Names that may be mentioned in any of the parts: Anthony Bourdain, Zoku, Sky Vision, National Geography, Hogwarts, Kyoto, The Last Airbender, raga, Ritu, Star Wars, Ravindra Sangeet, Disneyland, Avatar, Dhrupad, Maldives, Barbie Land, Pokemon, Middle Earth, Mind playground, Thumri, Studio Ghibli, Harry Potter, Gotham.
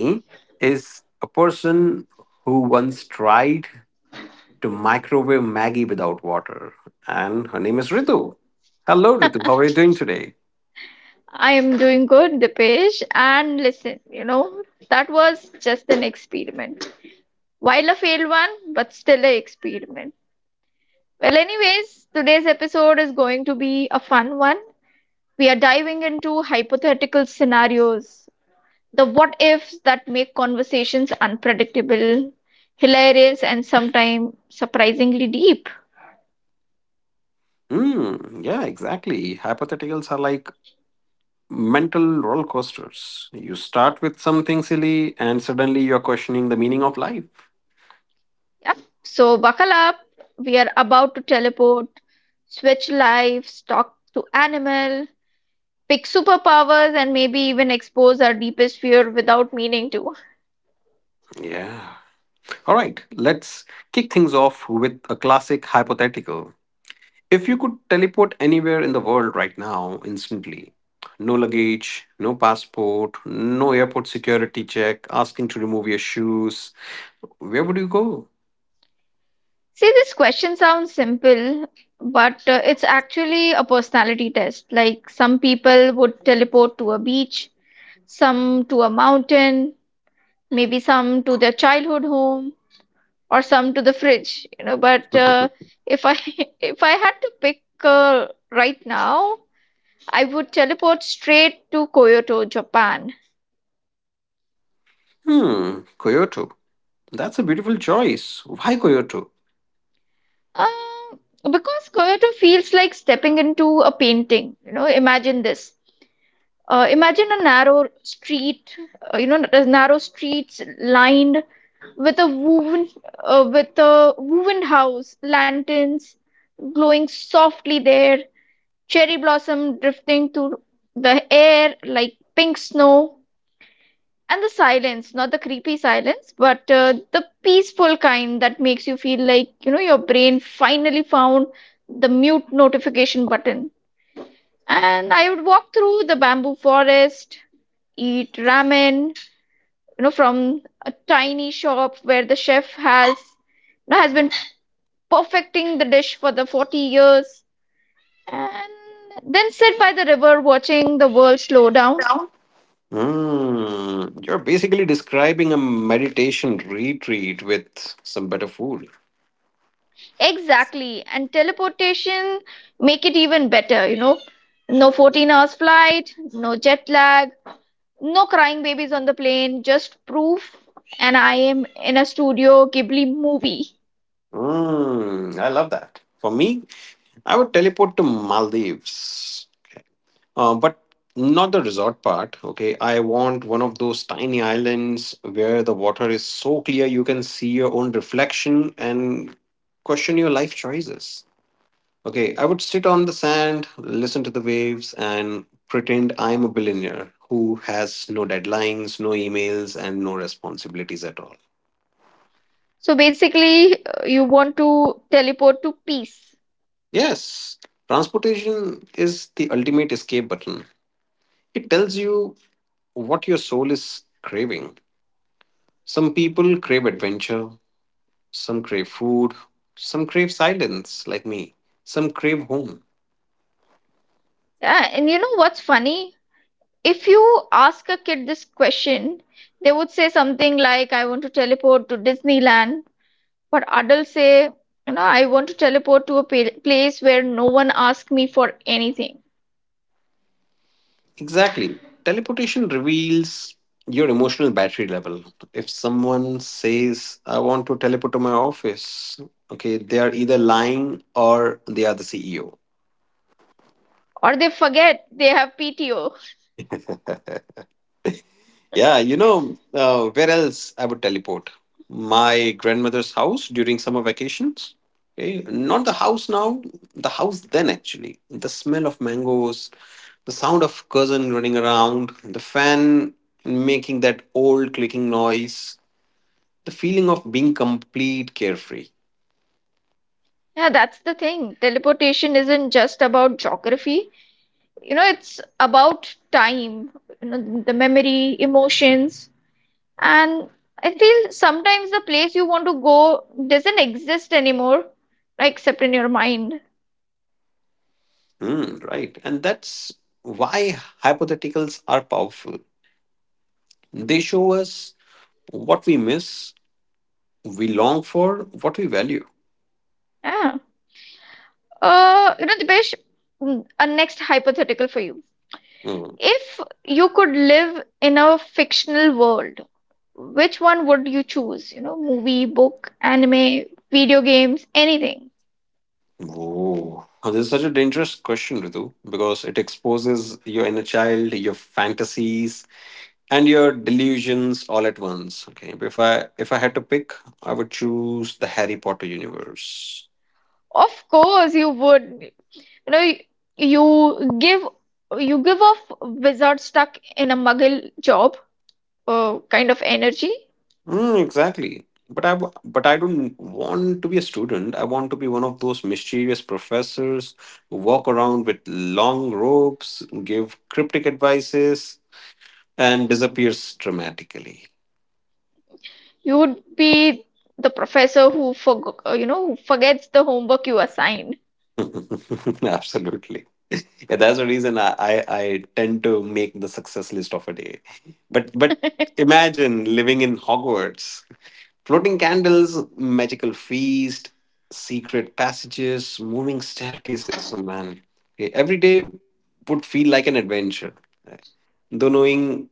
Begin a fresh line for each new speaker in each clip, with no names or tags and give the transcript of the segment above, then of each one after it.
is a person who once tried to microwave Maggie without water, and her name is Ritu. Hello, Ritu. How are you doing today?
I am doing good, Dipesh. And listen, that was just an experiment. While a failed one, but still an experiment. Well, anyways, today's episode is going to be a fun one. We are diving into hypothetical scenarios, the what ifs that make conversations unpredictable, hilarious, and sometimes surprisingly deep.
Yeah, exactly. Hypotheticals are like mental roller coasters. You start with something silly and suddenly you're questioning the meaning of life.
Yep. So, buckle up. We are about to teleport, switch lives, talk to animal pick superpowers and maybe even expose our deepest fear without meaning to.
Yeah. All right, let's kick things off with a classic hypothetical. If you could teleport anywhere in the world right now, instantly, no luggage, no passport, no airport security check, asking to remove your shoes, where would you go?
See, this question sounds simple, but it's actually a personality test. Like some people would teleport to a beach, some to a mountain, maybe some to their childhood home, or some to the fridge. You know, but if I if I had to pick right now, I would teleport straight to Kyoto, Japan.
hmm, Kyoto. That's a beautiful choice. Why Kyoto?
Um, because Kyoto feels like stepping into a painting. You know, imagine this. Imagine a narrow street, there's narrow streets lined with a woven, with a woven house, lanterns glowing softly there, cherry blossom drifting through the air like pink snow, and the silence, not the creepy silence, but the peaceful kind that makes you feel like, your brain finally found the mute notification button. And I would walk through the bamboo forest, eat ramen, you know, from a tiny shop where the chef has, you know, has been perfecting the dish for the 40 years. And then sit by the river watching the world slow down.
Mm, you're basically describing a meditation retreat with some better food.
Exactly. And teleportation make it even better, you know. No 14 hours flight, no jet lag, no crying babies on the plane, just proof and I am in a Studio Ghibli movie.
Mm, I love that. For me, I would teleport to Maldives. Okay. But not the resort part, okay? I want one of those tiny islands where the water is so clear you can see your own reflection and question your life choices. Okay, I would sit on the sand, listen to the waves, and pretend I'm a billionaire who has no deadlines, no emails, and no responsibilities at all.
So basically, you want to teleport to peace.
Yes, transportation is the ultimate escape button. It tells you what your soul is craving. Some people crave adventure, some crave food, some crave silence, like me, some crave home.
Yeah, and you know what's funny? If you ask a kid this question, they would say something like, I want to teleport to Disneyland. But adults say, you know, I want to teleport to a place where no one asks me for anything.
Exactly. Teleportation reveals your emotional battery level. If someone says, I want to teleport to my office, okay, they are either lying or they are the CEO.
Or they forget they have PTO.
Yeah, where else I would teleport? My grandmother's house during summer vacations. Okay, not the house now, the house then actually. The smell of mangoes, the sound of cousin running around, the fan making that old clicking noise the feeling of being complete carefree.
Yeah, that's the thing. Teleportation isn't just about geography. You know, it's about time, you know, the memory, emotions. And I feel sometimes the place you want to go doesn't exist anymore, like, except in your mind.
Right. And that's why hypotheticals are powerful. They show us what we miss, we long for, what we value.
Yeah. You know, Dipesh, a next hypothetical for you.
Mm.
If you could live in a fictional world, which one would you choose? You know, movie, book, anime, video games, anything.
Oh, this is such a dangerous question, Ritu, because it exposes your inner child, your fantasies, and your delusions all at once. Okay, if I had to pick, I would choose the Harry Potter universe.
Of course you would. You know, you give you give off wizard stuck in a muggle job kind of energy.
Mm, exactly. But I don't want to be a student. I want to be one of those mischievous professors who walk around with long robes, give cryptic advices, and disappears dramatically.
You would be the professor who forgets the homework you assigned.
Absolutely. Yeah, that's the reason I tend to make the success list of a day. But imagine living in Hogwarts, floating candles, magical feast, secret passages, moving staircases. So man, every day would feel like an adventure. Right? Though knowing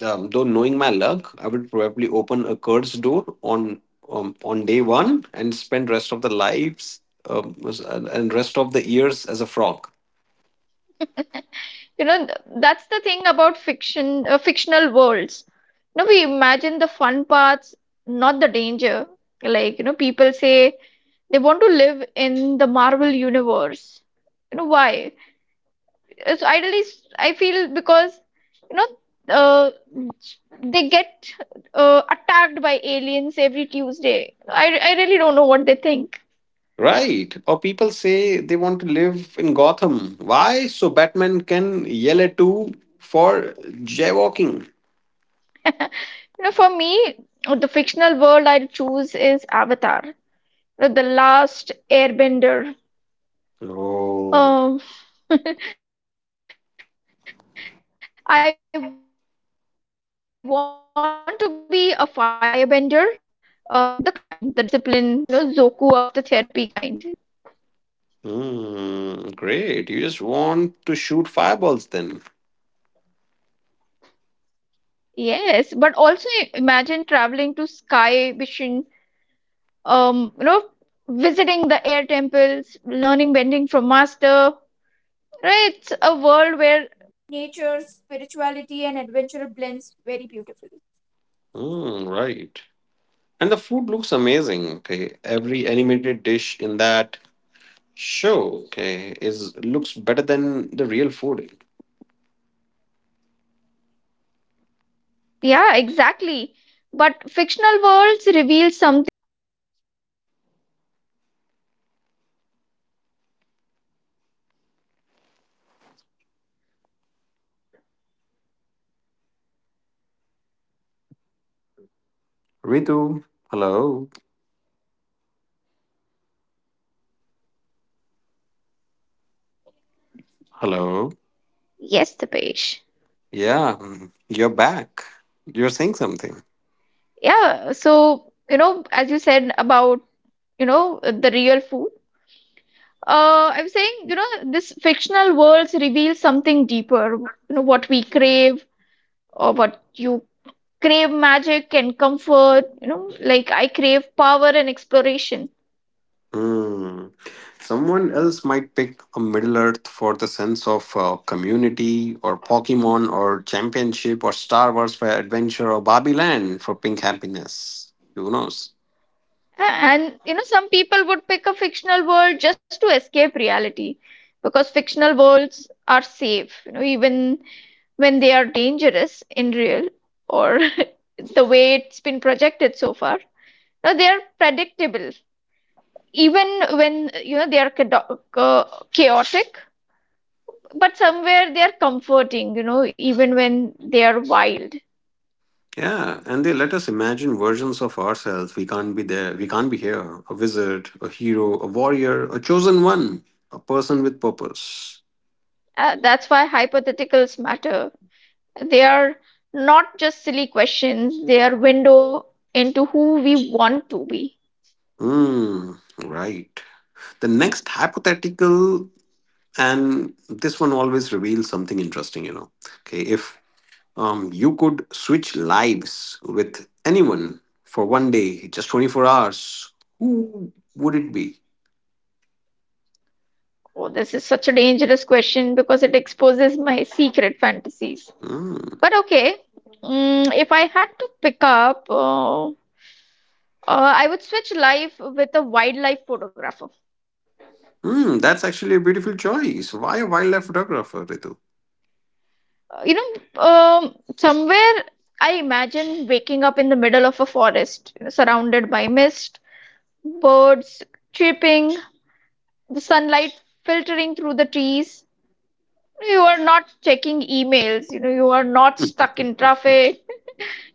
though knowing my luck, I would probably open a curse door on day one and spend rest of the lives and rest of the years as a frog.
You know, that's the thing about fiction, fictional worlds. You know, we imagine the fun parts, not the danger. Like, you know, people say they want to live in the Marvel universe. You know, why? It's ideally, I feel because, you know, uh, they get attacked by aliens every Tuesday. I really don't know what they think.
Right. Or people say they want to live in Gotham. Why? So Batman can yell at you for jaywalking.
You know, for me, the fictional world I'll choose is Avatar. The Last Airbender.
Oh.
Um, I want to be a firebender, not the evil kind, the cool kind, the discipline, you know, Zoku after therapy kind.
Hmm. Great. You just want to shoot fireballs then.
Yes, but also imagine traveling to Sky Vision, you know, visiting the air temples, learning bending from master. Right? It's a world where.
Hmm. Right. And the food looks amazing. Okay. Every animated dish in that sure, okay, is looks better than the real food. Ritu, hello, hello.
Yes, Tapesh.
Yeah, you're back. You're saying something.
Yeah, so, you know, as you said about, you know, the real food, I was saying, you know, this fictional worlds reveal something deeper, you know, what we crave or what you crave magic and comfort, you know, like I crave power and exploration.
Hmm. Someone else might pick a Middle Earth for the sense of community, or Pokemon, or Championship, or Star Wars for adventure, or Barbie Land for pink happiness. Who knows?
And you know, some people would pick a fictional world just to escape reality because fictional worlds are safe, you know, even when they are dangerous in real or the way it's been projected so far now they are predictable even when you know they are chaotic but somewhere they are comforting you know even when they are wild.
Yeah, and they let us imagine versions of ourselves we can't be there, we can't be here. A wizard, a hero, a warrior, a chosen one, a person with purpose.
That's why hypotheticals matter they are not just silly questions they are window into who we want to be.
Hmm, right. The next hypothetical, and this one always reveals something interesting, you know. Okay, if you could switch lives with anyone for one day, just 24 hours, who would it be?
Oh this is such a dangerous question because it exposes my secret fantasies.
Hmm,
But okay, if I had to pick up, I would switch life with a wildlife photographer.
that's actually a beautiful choice. Why a wildlife photographer, Ritu?
You know, somewhere I imagine waking up in the middle of a forest, you know, surrounded by mist, birds chirping, the sunlight filtering through the trees. You are not checking emails, you know, you are not stuck in traffic,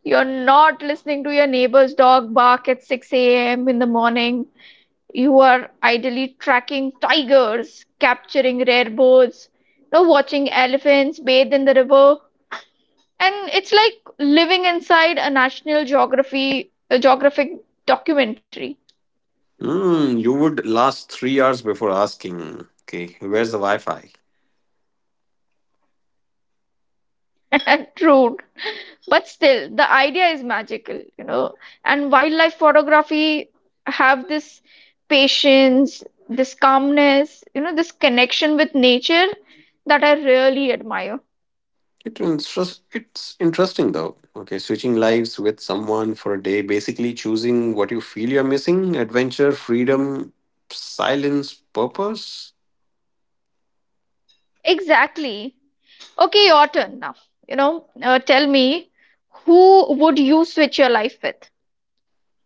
you're not listening to your neighbor's dog bark at 6 a.m. in the morning. You are ideally tracking tigers, capturing rare birds, you know, watching elephants bathe in the river. And it's like living inside a National Geography, a geographic documentary.
Mm, you would last 3 hours before asking, okay, where's the Wi Fi?
True. But still, the idea is magical, you know. And wildlife photography have this patience, this calmness, you know, this connection with nature that I really admire.
It's interesting though. Okay, switching lives with someone for a day, basically choosing what you feel you're missing adventure, freedom, silence, purpose.
Exactly. Okay, your turn now. You know, tell me, who would you switch your life with?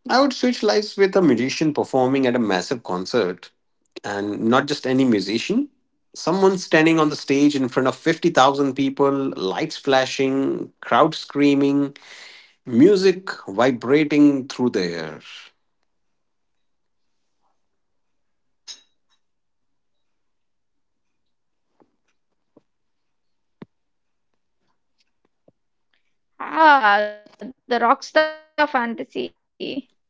I would switch lives with a musician performing at a massive concert and not just any musician. Someone standing on the stage in front of 50,000 people, lights flashing, crowd screaming music vibrating through the air.
Ah, the rockstar fantasy.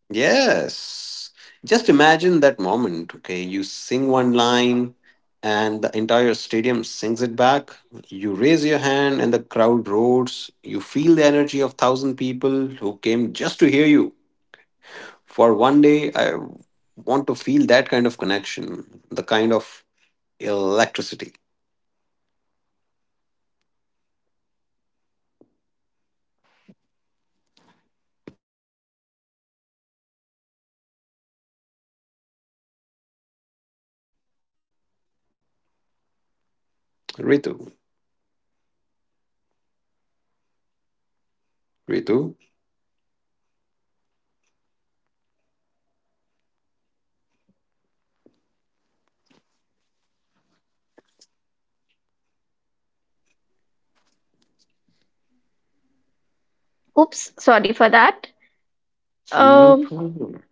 Yes. Just imagine that moment, okay? You sing one line and the entire stadium sings it back. You raise your hand and the crowd roars. You feel the energy of thousand people who came just to hear you. For one day, I want to feel that kind of connection, the kind of electricity. Ritu, Ritu,
Oops, sorry for that.
no
Um,
problem.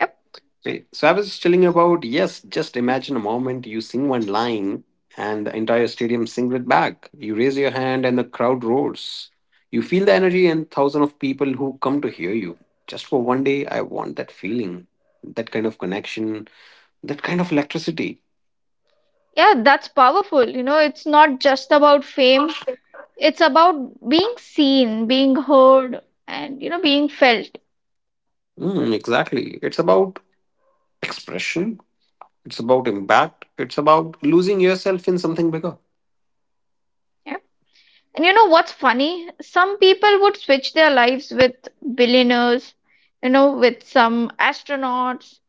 yep,
See, so I was telling you about yes, just imagine a moment you sing one line and the entire stadium sings it back. You raise your hand and the crowd roars. You feel the energy and thousands of people who come to hear you. Just for one day, I want that feeling, that kind of connection, that kind of electricity.
yeah, that's powerful. You know, it's not just about fame, it's about being seen, being heard, and you know, being felt.
Mm, exactly. It's about expression, it's about impact, it's about losing yourself in something bigger.
Yeah. And you know what's funny? Some people would switch their lives with billionaires, you know, with some astronauts,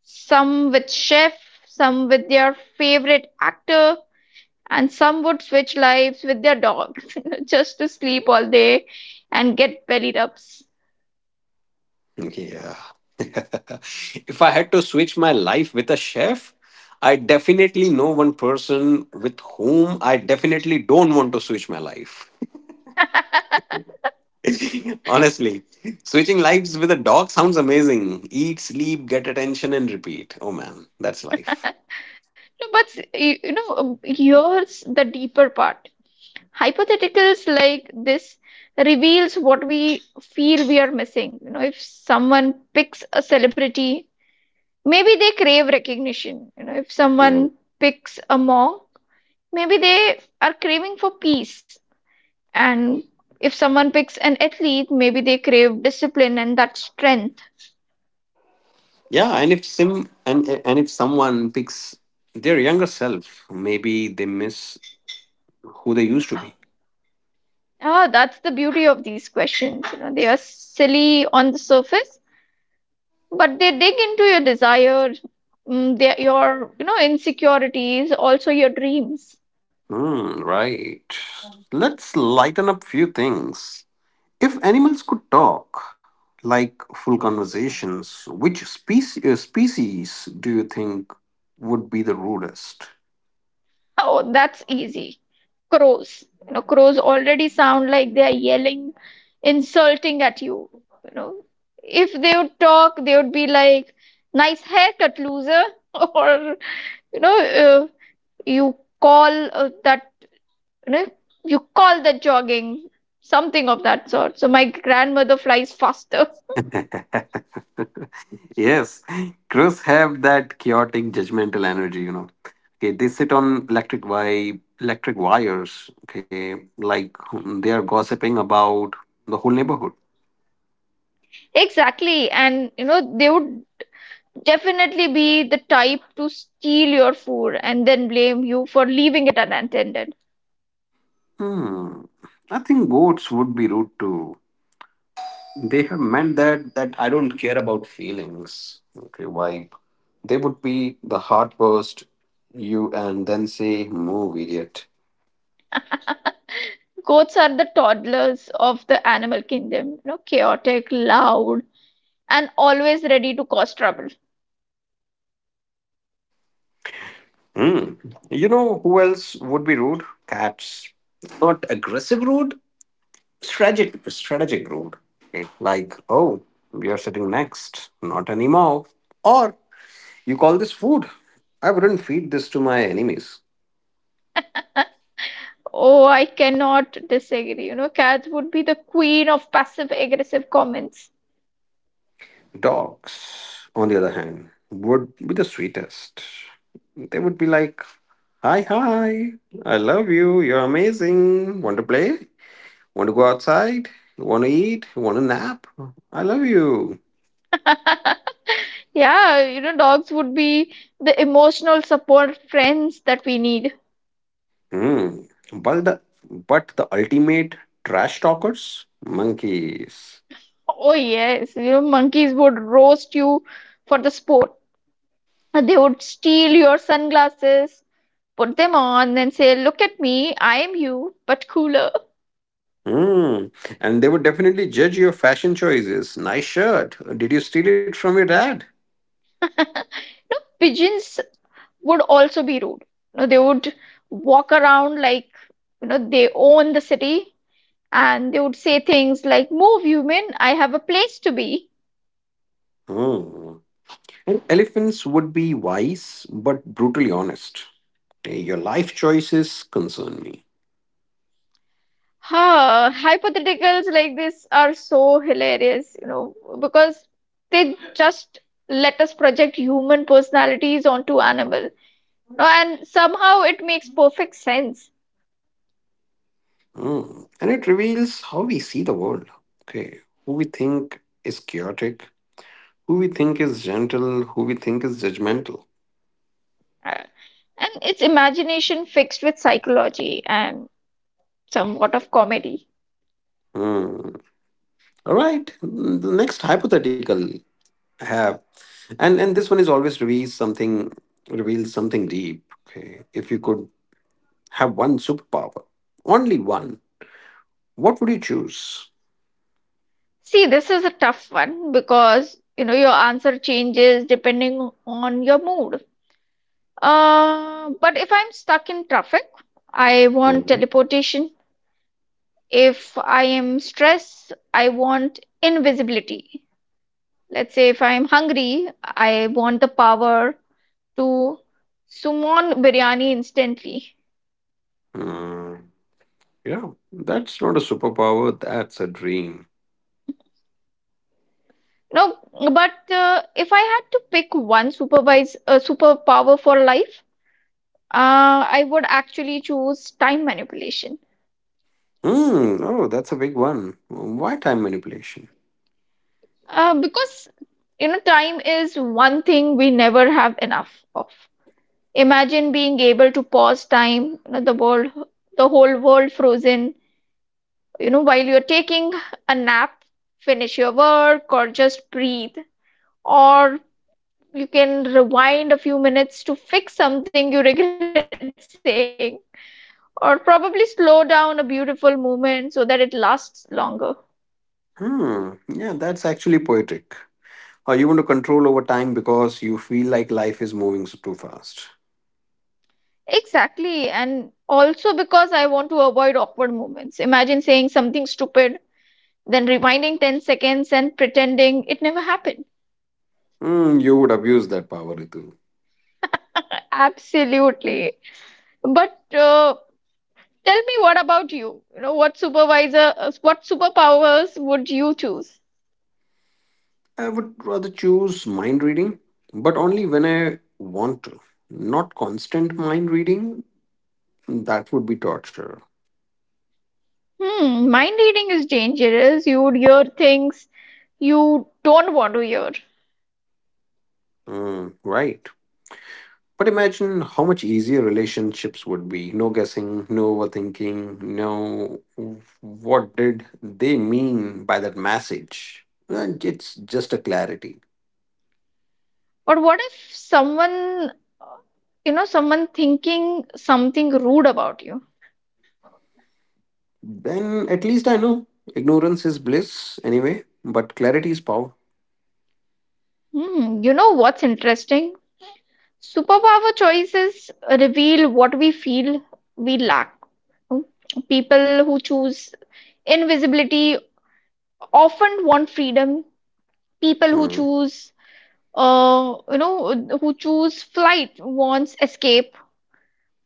some with chef, some with their favorite actor, and some would switch lives with their dogs, you know, just to sleep all day and get belly rubs.
Yeah. If I had to switch my life with a chef, I definitely know one person with whom I definitely don't want to switch my life. Honestly, switching lives with a dog sounds amazing. Eat, sleep, get attention, and repeat. Oh man, that's life.
Uh, But you know, here's the deeper part. Hypotheticals like this reveals what we feel we are missing. You know, if someone picks a celebrity, maybe they crave recognition. You know, if
Mm.
someone picks a monk, maybe they are craving for peace. And if someone picks an athlete, maybe they crave discipline and that strength.
Yeah, and if sim and if someone picks their younger self, maybe they miss who they used to be.
Ah, that's the beauty of these questions. You know, they are silly on the surface but they dig into your desires, your you know insecurities, also your dreams.
Right. Let's lighten up few things. If animals could talk, like full conversations, which species do you think would be the rudest?
Oh, that's easy. Crows, you know, crows already sound like they are yelling, insulting at you. You know, if they would talk, they would be like, "Nice haircut, loser," or you know, uh, you call uh, that you know, you call that jogging, something of that sort. So my grandmother flies faster.
Yes, crows have that chaotic, judgmental energy. You know, okay, they sit on electric wires. Okay, like hmm, they are gossiping about the whole neighborhood.
Exactly. And you know, they would definitely be the type to steal your food and then blame you for leaving it unattended.
Hmm, I think goats would be rude too. They have meant that I don't care about feelings. Okay, why? They would be the heartburst you and then say, "Move, idiot."
Goats are the toddlers of the animal kingdom, you know, chaotic, loud, and always ready to cause trouble.
Hmm. You know who else would be rude? Cats. Not aggressive rude, strategic rude. Okay. Like, oh, we are sitting next, not anymore. Or you call this food. I wouldn't feed this to my enemies.
Oh, I cannot disagree. You know, cats would be the queen of passive aggressive comments.
Dogs, on the other hand, would be the sweetest. They would be like, hi, hi, I love you, you're amazing. Want to play? Want to go outside? Want to eat? Want to nap? I love you.
Yeah, you know, dogs would be the emotional support friends that we need.
Hmm. But the but the ultimate trash talkers, monkeys.
Oh yes, you know, monkeys would roast you for the sport. They would steal your sunglasses, put them on, and say, "Look at me, I am you, but cooler."
Hmm. And they would definitely judge your fashion choices. Nice shirt. Did you steal it from your dad?
No, Pigeons would also be rude. You know, they would walk around like you know they own the city, and they would say things like, "Move, human! I have a place to be."
Hmm. And elephants would be wise but brutally honest. Hey, your life choices concern me.
Huh, hypotheticals like this are so hilarious, you know, because they just let us project human personalities onto animal. No, and somehow it makes perfect sense.
Hmm. And it reveals how we see the world. Okay. Who we think is chaotic, who we think is gentle, who we think is judgmental.
Uh, And it's imagination fixed with psychology and somewhat of comedy.
Hmm. All right. The next hypothetical I have. And this one is always reveals something deep. Okay. If you could have one superpower, only one, what would you choose?
See, this is a tough one because, you know, your answer changes depending on your mood. But if I'm stuck in traffic, I want
Mhm.
teleportation. If I am stressed, I want invisibility. Let's say if I am hungry, I want the power to summon biryani instantly.
Hmm. Yeah, that's not a superpower, that's a dream.
No, but if I had to pick one supervise superpower for life, I would actually choose time manipulation.
Hmm, oh, that's a big one. Why time manipulation?
Because you know, time is one thing we never have enough of. Imagine being able to pause time, you know, the world, the whole world frozen you know, while you're taking a nap, finish your work or just breathe. Or you can rewind a few minutes to fix something you regret saying. Or probably slow down a beautiful moment so that it lasts longer.
Hmm, yeah, that's actually poetic. Or you want to control over time because you feel like life is moving so too fast.
Exactly. And also because I want to avoid awkward moments. Imagine saying something stupid, then rewinding 10 seconds and pretending it never happened.
Hmm, you would abuse that power, Ritu.
Absolutely. But tell me what about you? You know, what what superpowers would you choose?
I would rather choose mind reading, but only when I want to. Not constant mind reading, that would be torture.
Hmm, mind reading is dangerous. You would hear things you don't want to hear.
Right. But imagine how much easier relationships would be. No guessing, no overthinking, no what did they mean by that message. And it's just a clarity.
But what if someone, uh, someone thinking something rude about you?
Then at least I know ignorance is bliss anyway, but clarity is power.
Hmm, you know what's interesting? Superpower choices reveal what we feel we lack. Hmm, People who choose invisibility often want freedom. People who
Hmm.
choose uh, you know, who choose flight wants escape,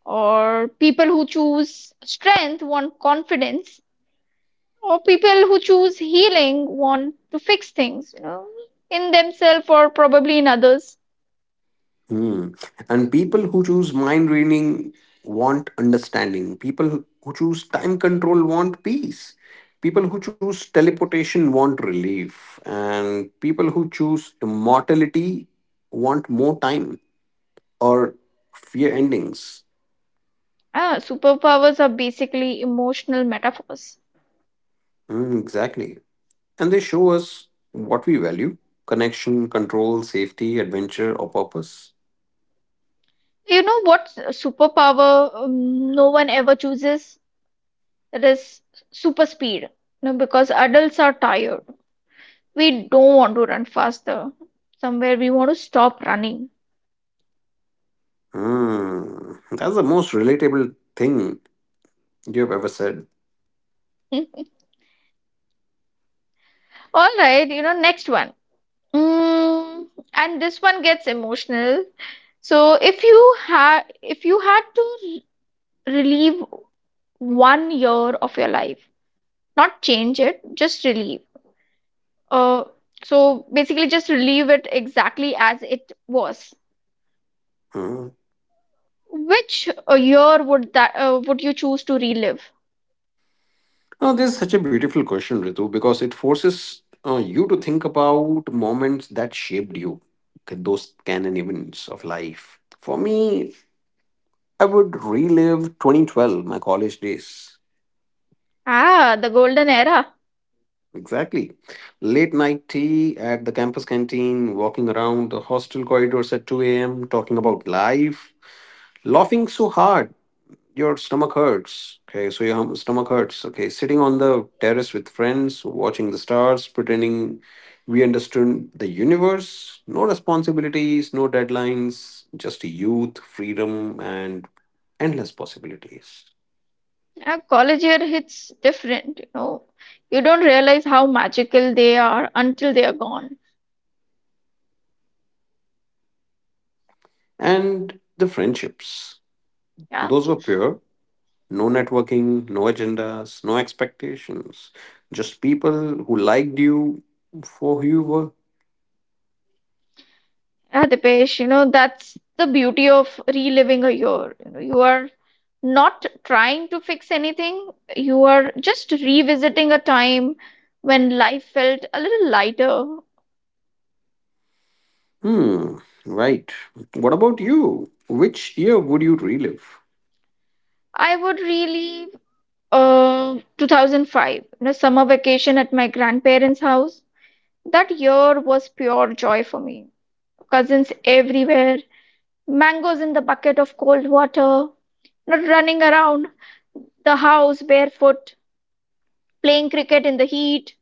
or people who choose strength want confidence, or people who choose healing want to fix things, you know, in themselves or probably in others.
Hmm. And people who choose mind reading want understanding. People who choose time control want peace. People who choose teleportation want relief. And people who choose immortality want more time or fear endings.
Ah, superpowers are basically emotional metaphors.
Hmm, exactly. And they show us what we value connection, control, safety, adventure, or purpose.
You know what superpower no one ever chooses? That is super speed. You know, because adults are tired. We don't want to run faster. Somewhere we want to stop running.
Hmm. That's the most relatable thing you have ever said.
All right, you know, next one. Mm, and this one gets emotional. So if you had to relieve one year of your life, not change it, just relieve. Uh, so basically just relieve it exactly as it was.
Hmm.
Which year would that would you choose to relive?
This is such a beautiful question, Ritu, because it forces you to think about moments that shaped you, okay, those canon events of life. For me, I would relive 2012, my college days.
Ah, the golden era.
Exactly. Late night tea at the campus canteen, walking around the hostel corridors at 2 a.m., talking about life, laughing so hard your stomach hurts. Okay, so your stomach hurts. Okay, sitting on the terrace with friends, watching the stars, pretending we understood the universe. No responsibilities, no deadlines, just youth, freedom, and endless possibilities.
Ah, college year hits different, you know. You don't realize how magical they are until they are gone.
And the friendships.
Yeah,
Those were pure. No networking, no agendas, no expectations. Just people who liked you for who you were.
yeah, Dipesh, you know, that's the beauty of reliving a year. You know, you are not trying to fix anything, you are just revisiting a time when life felt a little lighter.
Hmm, right. What about you? Which year would you relive?
I would really, uh, 2005, you know, summer vacation at my grandparents' house. That year was pure joy for me. Cousins everywhere, mangoes in the bucket of cold water, not running around the house barefoot playing cricket in the heat,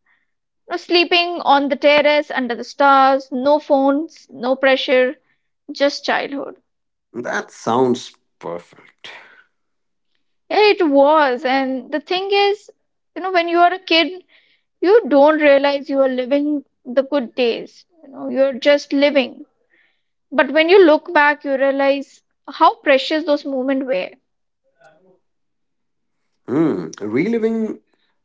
no sleeping on the terrace under the stars, no phones, no pressure, just childhood.
That sounds perfect.
Yeah, it was. And the thing is, you know, when you are a kid, you don't realize you are living the good days. You know, you're just living. But when you look back, you realize how precious those moments were.
Hmm, reliving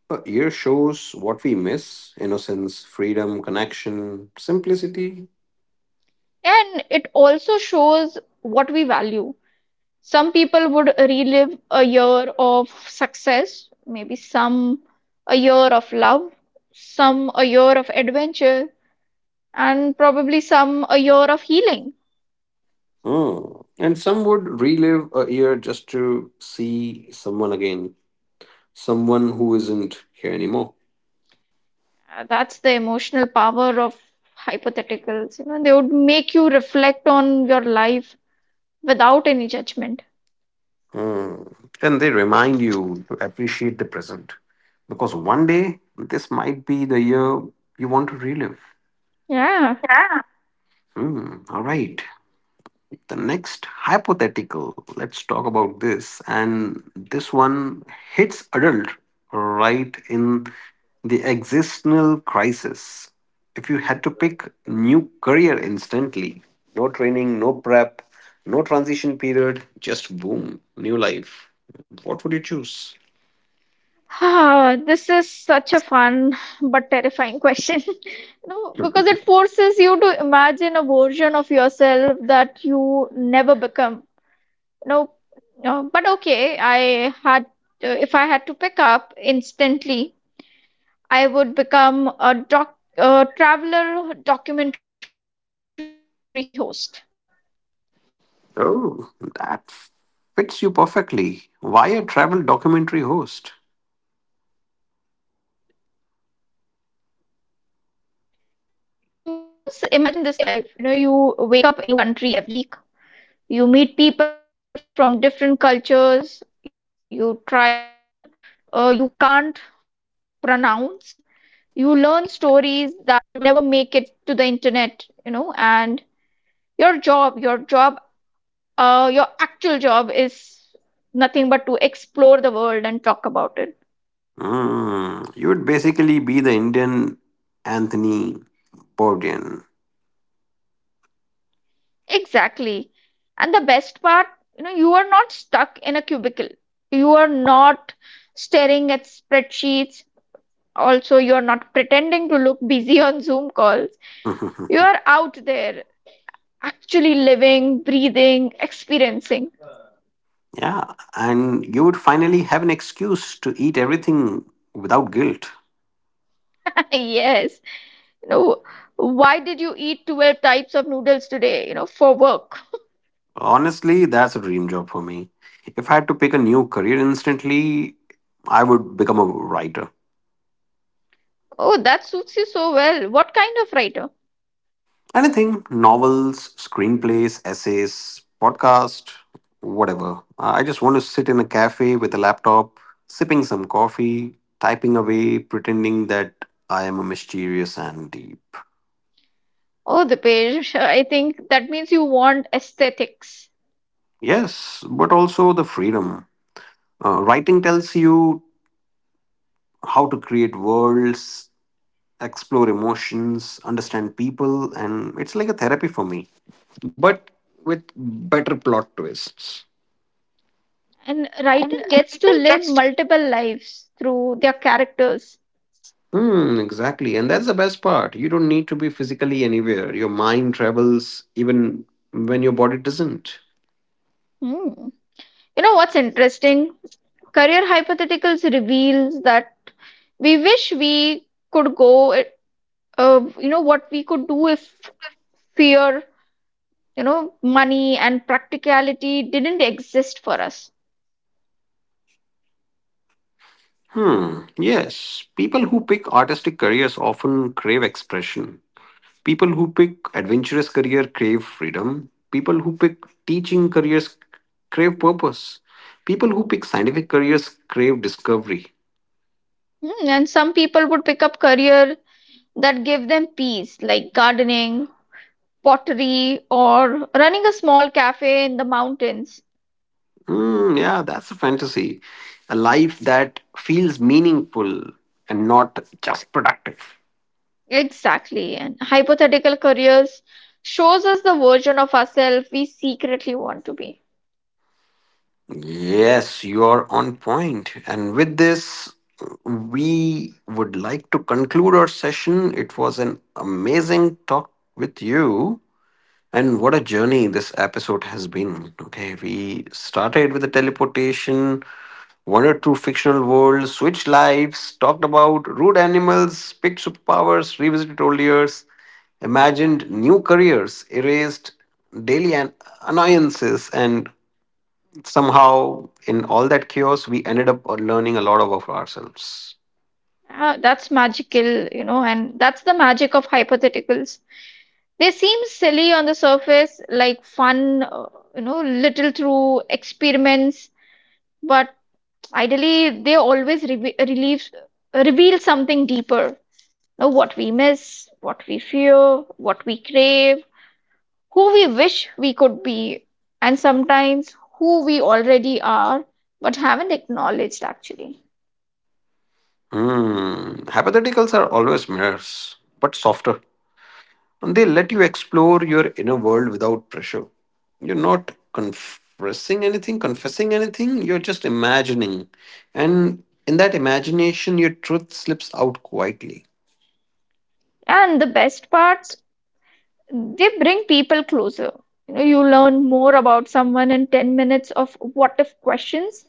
a year shows what we miss innocence, freedom, connection, simplicity.
And it also shows what we value. Some people would relive a year of success, maybe some a year of love, some a year of adventure, and probably some a year of healing.
Hmm. And some would relive a year just to see someone again, someone who isn't here anymore.
That's the emotional power of hypotheticals. You know, they would make you reflect on your life without any judgment.
Hmm. And they remind you to appreciate the present because one day this might be the year you want to relive.
Yeah.
Hmm, all right. The next hypothetical, let's talk about this. And this one hits adult right in the existential crisis. If you had to pick new career instantly, no training, no prep, no transition period, just boom, new life. What would you choose?
Ah, this is such a fun but terrifying question. No, because it forces you to imagine a version of yourself that you never become. No, no, but okay, I had if I had to pick up instantly, I would become a doc a traveler documentary host.
Oh, that fits you perfectly. Why a travel documentary host?
Mm, because imagine this life, you know, you wake up in a new country every week. You meet people from different cultures, you try food you can't pronounce. You learn stories that would never make it to the internet, you know, and your job, your actual job is nothing but to explore the world and talk about it.
Mm, you would basically be the Indian Anthony Bourdain.
Exactly. And the best part, you know, you are not stuck in a cubicle. You are not staring at spreadsheets. Also, you are not pretending to look busy on Zoom calls. You are out there actually living, breathing, experiencing.
Yeah, and you would finally have an excuse to eat everything without guilt.
Yes. You know, why did types of noodles today, you know, for work?
Honestly, that's a dream job for me. If I had to pick a new career instantly, I would become a writer.
Oh, that suits you so well. What kind of writer?
Anything, novels, screenplays, essays, podcast, whatever. I just want to sit in a cafe with a laptop, sipping some coffee, typing away, pretending that I am a mysterious and deep.
Oh, the page. I think that means you want aesthetics.
Yes, but also the freedom. Writing tells you how to create worlds, explore emotions, understand people, and it's like a therapy for me, but with better plot twists.
And writer
And
gets to live multiple lives through their characters.
hmm, exactly. And that's the best part. You don't need to be physically anywhere. Your mind travels even when your body doesn't.
Hmm. You know what's interesting? Career hypotheticals reveals that we wish we could go you know what we could do if fear, you know, money and practicality didn't exist for us.
Hmm, yes. People who pick artistic careers often crave expression. People who pick adventurous career crave freedom. People who pick teaching careers crave purpose. People who pick scientific careers crave discovery.
Hmm, and some people would pick up career that give them peace like gardening, pottery, or running a small cafe in the mountains.
Hmm, yeah, that's a fantasy. A life that feels meaningful and not just productive.
Exactly, and hypothetical careers shows us the version of ourselves we secretly want to be.
Yes, you are on point. And with this, we would like to conclude our session. It was an amazing talk with you. And what a journey this episode has been. Okay, we started with the teleportation, wandered through fictional worlds, switched lives, talked about rude animals, picked superpowers, revisited old years, imagined new careers, erased daily annoyances, and somehow in all that chaos we ended up learning a lot about ourselves.
Ah, that's magical, you know, and that's the magic of hypotheticals. They seem silly on the surface, like fun, you know, little through experiments, but ideally they always reveal something deeper. You know, what we miss, what we fear, what we crave, who we wish we could be, and sometimes who we already are but haven't acknowledged actually.
Hmm. Hypotheticals are always mirrors but softer, and they let you explore your inner world without pressure. You're not confessing anything, you're just imagining, and in that imagination your truth slips out quietly.
And the best part, they bring people closer. You know, you learn more about someone in 10 minutes of what if questions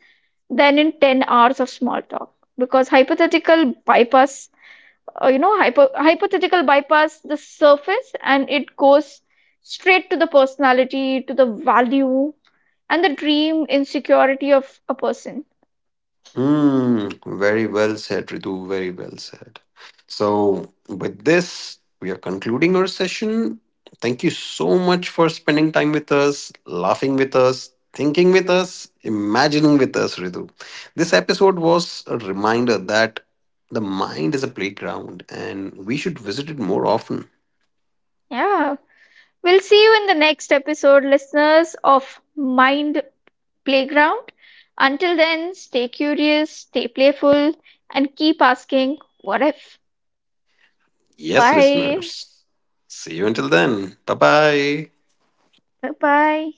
than in 10 hours of small talk because hypothetical bypass, you know, hypo- hypothetical bypass the surface and it goes straight to the personality, to the value, and the dream insecurity of a person.
Mm, very well said, Ritu. Very well said. So, with this, we are concluding our session. Thank you so much for spending time with us, laughing with us, thinking with us, imagining with us, Ritu. This episode was a reminder that the mind is a playground and we should visit it more often.
Yeah. We'll see you in the next episode, listeners of Mind playground. Until then, stay curious, stay playful, and keep asking, what if?
Yes,
Bye.
listeners. See you until then. Bye bye.
Bye bye.